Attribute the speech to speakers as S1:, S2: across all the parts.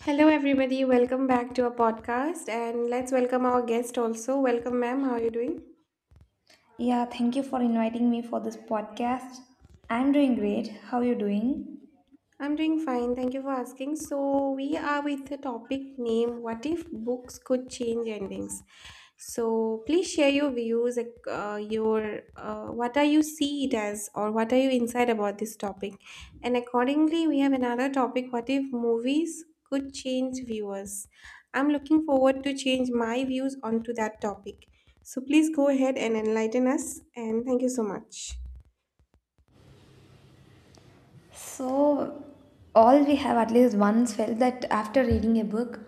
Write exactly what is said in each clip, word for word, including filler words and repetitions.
S1: Hello, everybody. Welcome back to our podcast, and let's welcome our guest also. Welcome, ma'am. How are you doing?
S2: Yeah, thank you for inviting me for this podcast. I'm doing great. How are you doing?
S1: I'm doing fine. Thank you for asking. So, we are with the topic name What if books could change endings? So, please share your views, like, uh, your uh, what are you see it as, or what are you inside about this topic? And accordingly, we have another topic What if movies could change viewers? I'm looking forward to change my views onto that topic. So, please go ahead and enlighten us. And thank you so much.
S2: So, all we have at least once felt that after reading a book,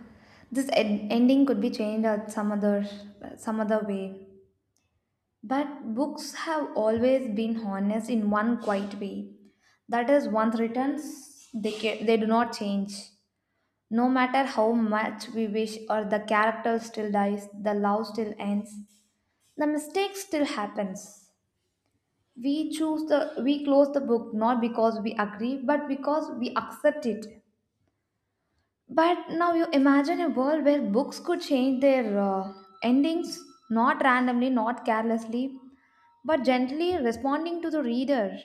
S2: this ed- ending could be changed at some other some other way. But books have always been honest in one quiet way. That is, once written, they ca- they do not change. No matter how much we wish, or the character still dies, the love still ends, the mistake still happens. We choose the we close the book, not because we agree, but because we accept it. But now you imagine a world where books could change their uh, endings, not randomly, not carelessly, but gently responding to the reader.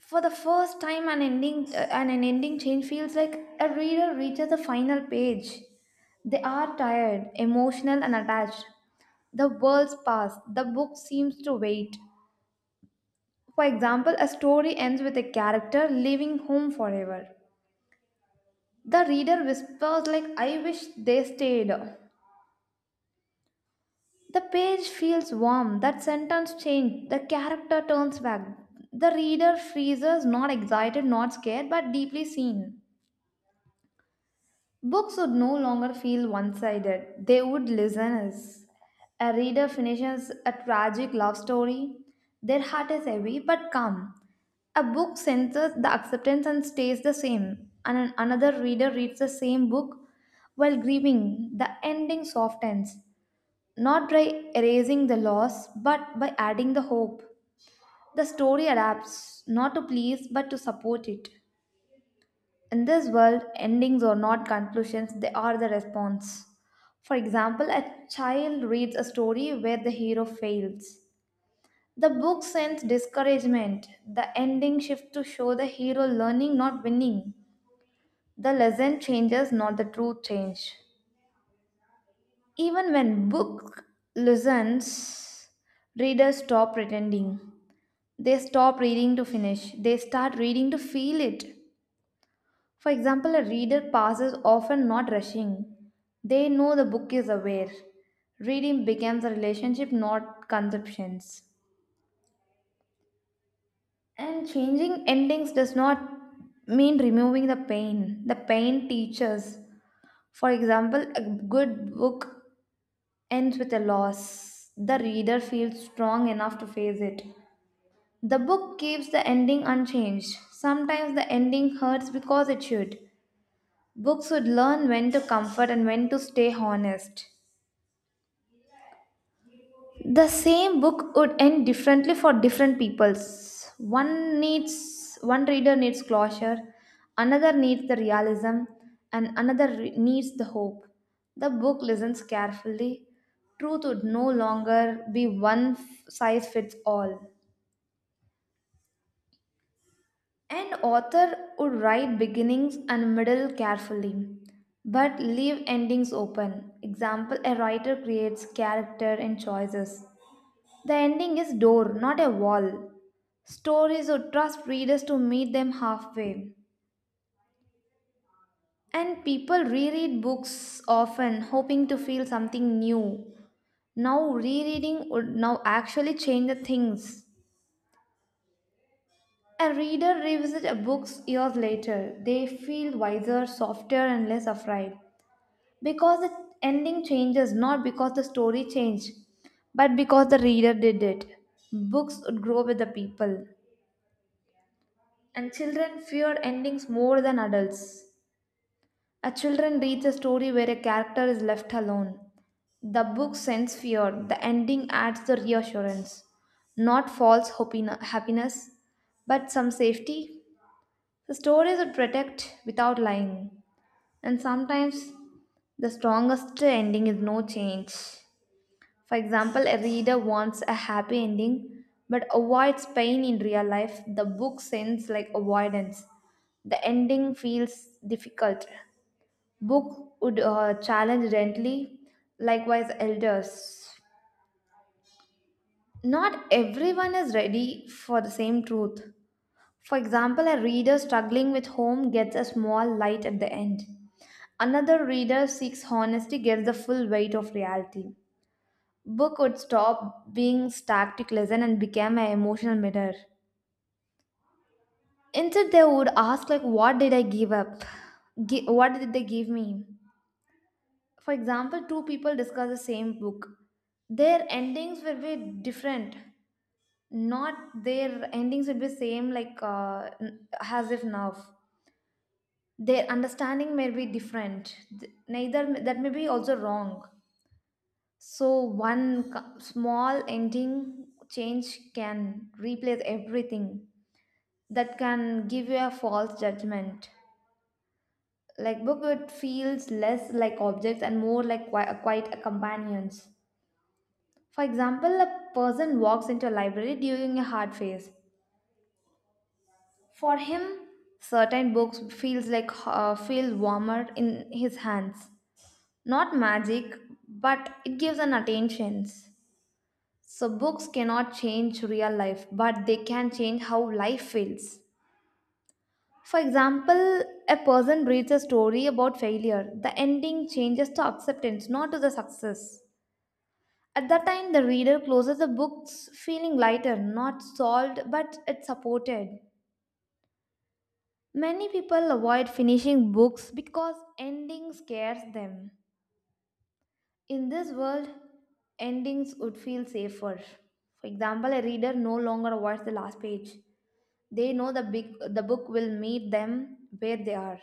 S2: For the first time, an ending uh, and an ending change feels like a reader reaches the final page. They are tired, emotional and attached. The world's past, the book seems to wait. For example, a story ends with a character leaving home forever. The reader whispers like I wish they stayed. The page feels warm, that sentence changed, the character turns back. The reader freezes, not excited, not scared, but deeply seen. Books would no longer feel one sided, they would listen us. A reader finishes a tragic love story, their heart is heavy but calm. A book senses the acceptance and stays the same, and an- another reader reads the same book while grieving. The ending softens, not by erasing the loss but by adding the hope. The story adapts, not to please but to support it. In this world, endings are not conclusions, they are the response. For example, a child reads a story where the hero fails. The book sends discouragement. The ending shifts to show the hero learning, not winning. The lesson changes, not the truth change. Even when book listens, readers stop pretending. They stop reading to finish. They start reading to feel it. For example, a reader passes often not rushing. They know the book is aware. Reading becomes a relationship, not conceptions. And changing endings does not mean removing the pain. The pain teaches. For example, a good book ends with a loss. The reader feels strong enough to face it. The book keeps the ending unchanged. Sometimes the ending hurts because it should. Books would learn when to comfort and when to stay honest. The same book would end differently for different peoples. One needs one reader needs closure, another needs the realism, and another re- needs the hope. The book listens carefully. Truth would no longer be one f- size fits all. An author would write beginnings and middle carefully, but leave endings open. Example, a writer creates character and choices. The ending is door, not a wall. Stories would trust readers to meet them halfway. And people reread books often, hoping to feel something new. Now, rereading would now actually change the things. A reader revisits a book years later. They feel wiser, softer, and less afraid, because the ending changes, not because the story changed, but because the reader did it. Books would grow with the people. And children fear endings more than adults. A children reads a story where a character is left alone. The book sends fear. The ending adds the reassurance, not false hopina- happiness, but some safety. The stories would protect without lying. And sometimes the strongest ending is no change. For example, a reader wants a happy ending but avoids pain in real life. The book sends like avoidance. The ending feels difficult. Book would uh, challenge gently, likewise, elders. Not everyone is ready for the same truth. For example, a reader struggling with home gets a small light at the end. Another reader seeks honesty, gets the full weight of reality. Book would stop being static lesson and became an emotional mirror. Instead, they would ask like, "What did I give up? Gi- what did they give me?" For example, two people discuss the same book. Their endings will be different. Not their endings will be same like uh, n- as if now. Their understanding may be different. Th- Neither that may be also wrong. So one co- small ending change can replace everything. That can give you a false judgment. Like book, it feels less like objects and more like qui- quite a companions. For example, a person walks into a library during a hard phase. For him, certain books feels like uh, feel warmer in his hands. Not magic, but it gives an attention. So, books cannot change real life, but they can change how life feels. For example, a person reads a story about failure. The ending changes to acceptance, not to the success. At that time, the reader closes the books feeling lighter, not solved, but it's supported. Many people avoid finishing books because ending scares them. In this world, endings would feel safer. For example, a reader no longer avoids the last page. They know the big the book will meet them where they are.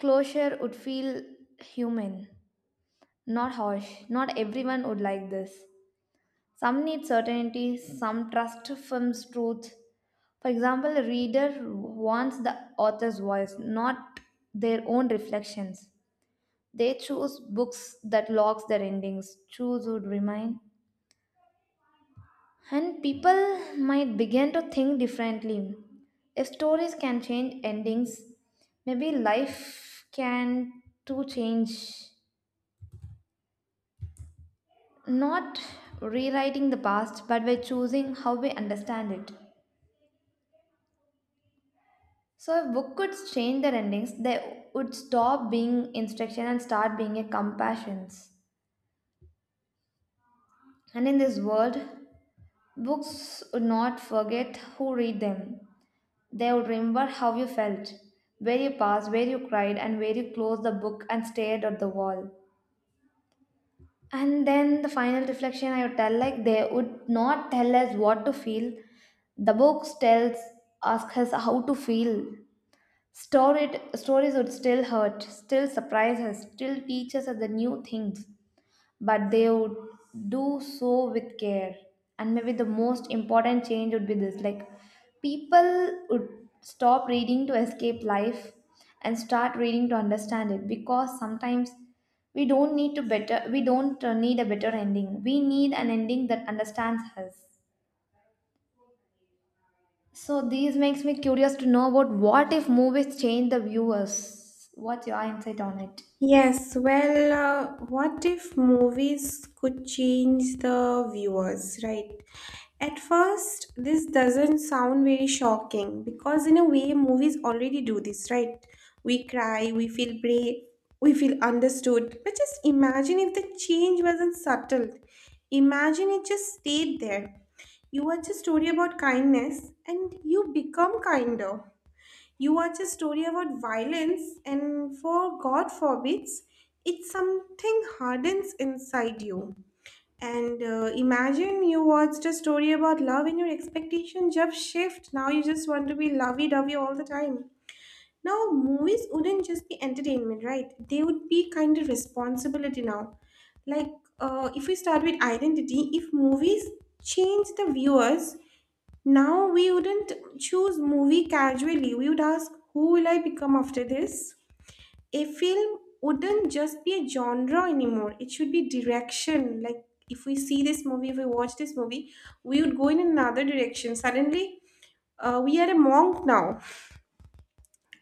S2: Closure would feel human, not harsh. Not everyone would like this. Some need certainty, some trust film's truth. For example, a reader wants the author's voice, not their own reflections. They choose books that locks their endings, choose would remain. And people might begin to think differently. If stories can change endings, maybe life can too change. Not rewriting the past, but by choosing how we understand it. So, if book could change their endings, they would stop being instruction and start being a compassions. And in this world, books would not forget who read them. They would remember how you felt, where you paused, where you cried, and where you closed the book and stared at the wall. And then the final reflection I would tell like they would not tell us what to feel. The books tells ask us how to feel. Story stories would still hurt, still surprise us, still teach us the new things, but they would do so with care. And maybe the most important change would be this like, people would stop reading to escape life and start reading to understand it, because sometimes we don't need to better we don't uh, need a better ending, we need an ending that understands us. So these makes me curious to know about what if movies change the viewers. What's your insight on it?
S1: Yes, well, uh, what if movies could change the viewers, right? At first, this doesn't sound very shocking because, in a way, movies already do this, right? We cry, we feel brave, we feel understood. But just imagine if the change wasn't subtle. Imagine it just stayed there. You watch a story about kindness and you become kinder. You watch a story about violence, and for God forbids, it's something hardens inside you. And uh, imagine you watched a story about love, and your expectation just shift. Now you just want to be lovey-dovey all the time. Now movies wouldn't just be entertainment, right? They would be kind of responsibility now. Like uh, if we start with identity, if movies change the viewers, now we wouldn't choose movie casually. We would ask, who will I become after this? A film wouldn't just be a genre anymore. It should be direction. Like if we see this movie, if we watch this movie, we would go in another direction. Suddenly, uh, we are a monk now.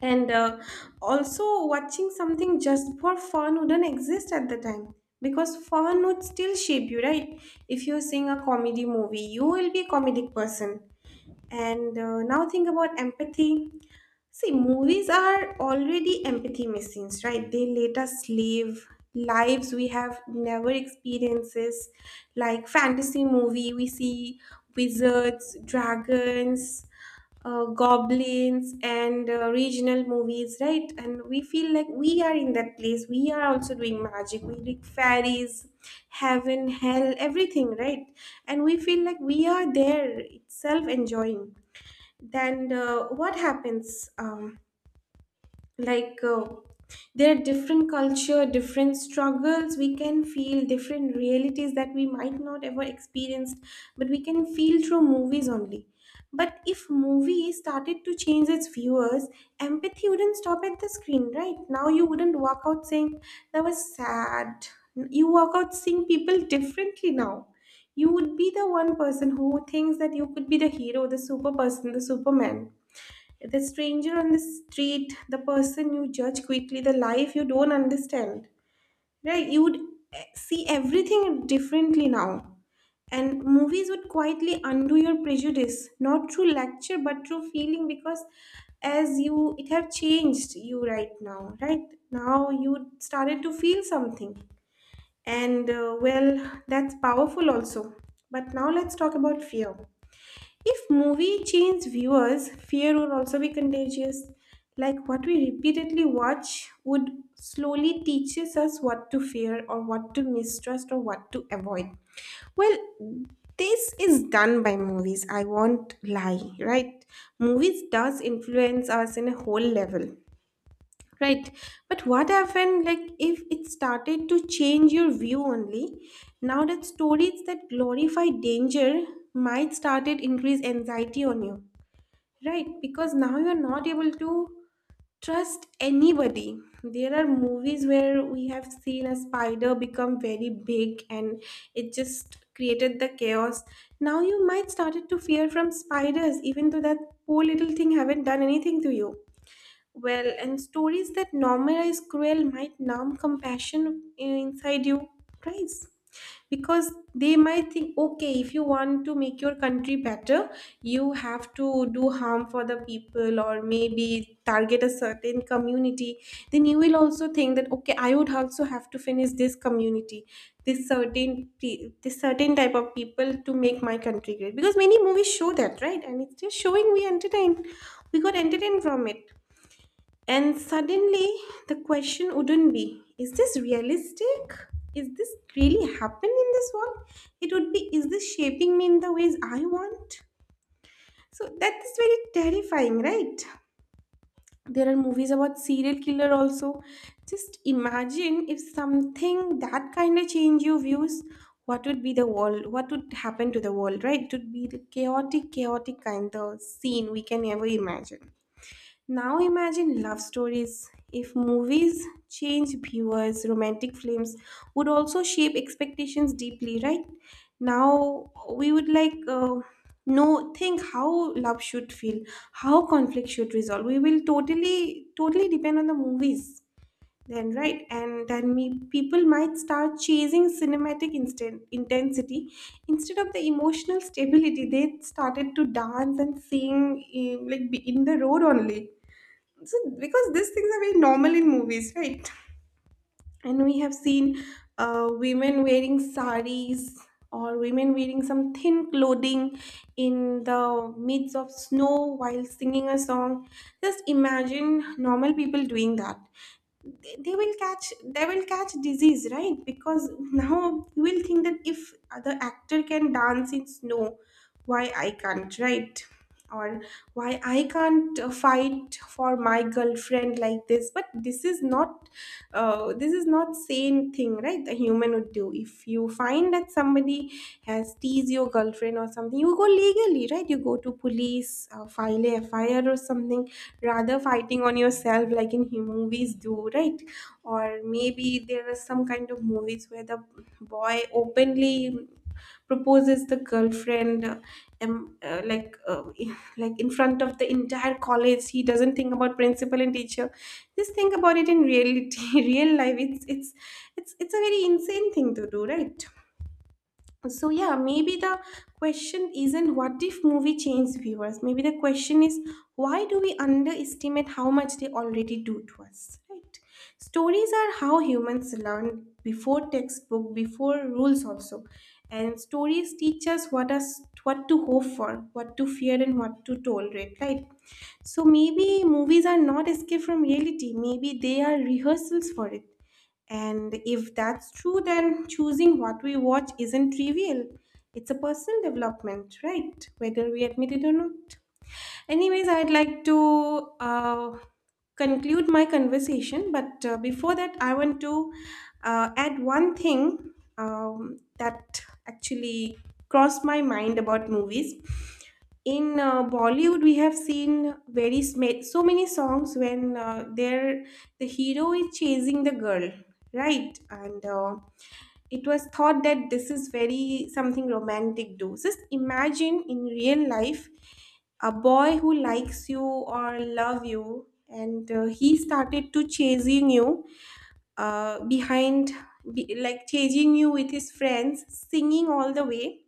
S1: And uh, also, watching something just for fun wouldn't exist at the time because fun would still shape you, right? If you're seeing a comedy movie, you will be a comedic person. And uh, now think about empathy. See, movies are already empathy machines, right? They let us live lives we have never experiences, like fantasy movie we see, wizards, dragons, uh, goblins, and uh, regional movies, right? And we feel like we are in that place, we are also doing magic, we like fairies, heaven, hell, everything, right? And we feel like we are there itself enjoying. Then uh, what happens um, like uh, there are different culture, different struggles, we can feel different realities that we might not ever experienced, but we can feel through movies only. But if movie started to change its viewers, empathy wouldn't stop at the screen. Right now, you wouldn't walk out saying that was sad. You walk out seeing people differently now. You would be the one person who thinks that you could be the hero, the super person, the superman, the stranger on the street, the person you judge quickly, the life you don't understand. Right? You would eh, see everything differently now. And movies would quietly undo your prejudice, not through lecture, but through feeling, because as you, it have changed you right now, right? Now you started to feel something. And uh, well, that's powerful also. But now let's talk about fear. If movie change viewers, fear would also be contagious. Like what we repeatedly watch would slowly teaches us what to fear or what to mistrust or what to avoid. Well, this is done by movies. I won't lie, right? Movies does influence us in a whole level. Right. But what happened, like, if it started to change your view only? Now that stories that glorify danger might started increase anxiety on you. Right. Because now you're not able to trust anybody. There are movies where we have seen a spider become very big and it just created the chaos. Now you might started to fear from spiders, even though that poor little thing haven't done anything to you. Well, and stories that normalize cruel might numb compassion inside you, guys. Because they might think, okay, if you want to make your country better, you have to do harm for the people or maybe target a certain community. Then you will also think that, okay, I would also have to finish this community, this certain pe- this certain type of people to make my country great. Because many movies show that, right? And it's just showing we entertain. We got entertained from it, and suddenly the question wouldn't be, is this realistic? Is this really happen in this world? It would be, is this shaping me in the ways I want? So that is very terrifying, right? There are movies about serial killer also. Just imagine if something that kind of change your views, what would be the world? What would happen to the world, right? It would be the chaotic, chaotic kind of scene we can ever imagine. Now imagine love stories. If movies change viewers, romantic films would also shape expectations deeply, right? Now we would like uh, know think how love should feel, how conflict should resolve. We will totally totally depend on the movies then, right? And then me people might start chasing cinematic instant intensity instead of the emotional stability. They started to dance and sing in, like in the road only. So because these things are very normal in movies, right? And we have seen uh, women wearing saris, or women wearing some thin clothing in the midst of snow while singing a song. Just imagine normal people doing that. They they will catch they will catch disease, right? Because now you will think that if the actor can dance in snow, why I can't, right? Or why I can't uh, fight for my girlfriend like this? But this is not uh, this is not sane thing, right? A human would do, if you find that somebody has teased your girlfriend or something, you go legally, right? You go to police, uh, file a fir or something, rather fighting on yourself like in him movies do, right? Or maybe there are some kind of movies where the boy openly proposes the girlfriend, uh, um, uh, like uh, like in front of the entire college, he doesn't think about principal and teacher. Just think about it in reality. Real life, it's it's it's it's a very insane thing to do, right? So yeah, maybe the question isn't what if movie changed viewers. Maybe the question is, why do we underestimate how much they already do to us, right? Stories are how humans learn before textbook, before rules also. And stories teach us what us what to hope for, what to fear, and what to tolerate, right? So maybe movies are not escape from reality, maybe they are rehearsals for it. And if that's true, then choosing what we watch isn't trivial. It's a personal development, right? Whether we admit it or not. Anyways, I'd like to uh, conclude my conversation, but uh, before that, I want to uh, add one thing um, that actually crossed my mind about movies. In uh, Bollywood, we have seen very sma- so many songs when uh, there the hero is chasing the girl, right? And uh, it was thought that this is very something romantic. Do just imagine in real life a boy who likes you or love you, and uh, he started to chasing you uh, behind, be, like chasing you with his friends, singing all the way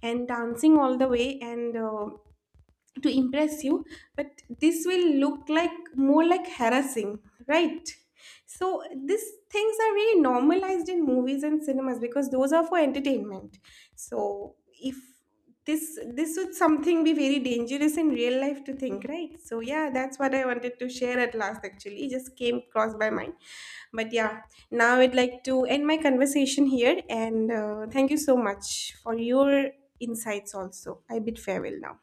S1: and dancing all the way and. Uh, to impress you, but this will look like more like harassing, right? So these things are really normalized in movies and cinemas because those are for entertainment. So if this this would something be very dangerous in real life to think, right? So yeah, that's what I wanted to share at last. Actually, it just came across my mind. But yeah, now I'd like to end my conversation here, and uh, thank you so much for your insights also. I bid farewell now.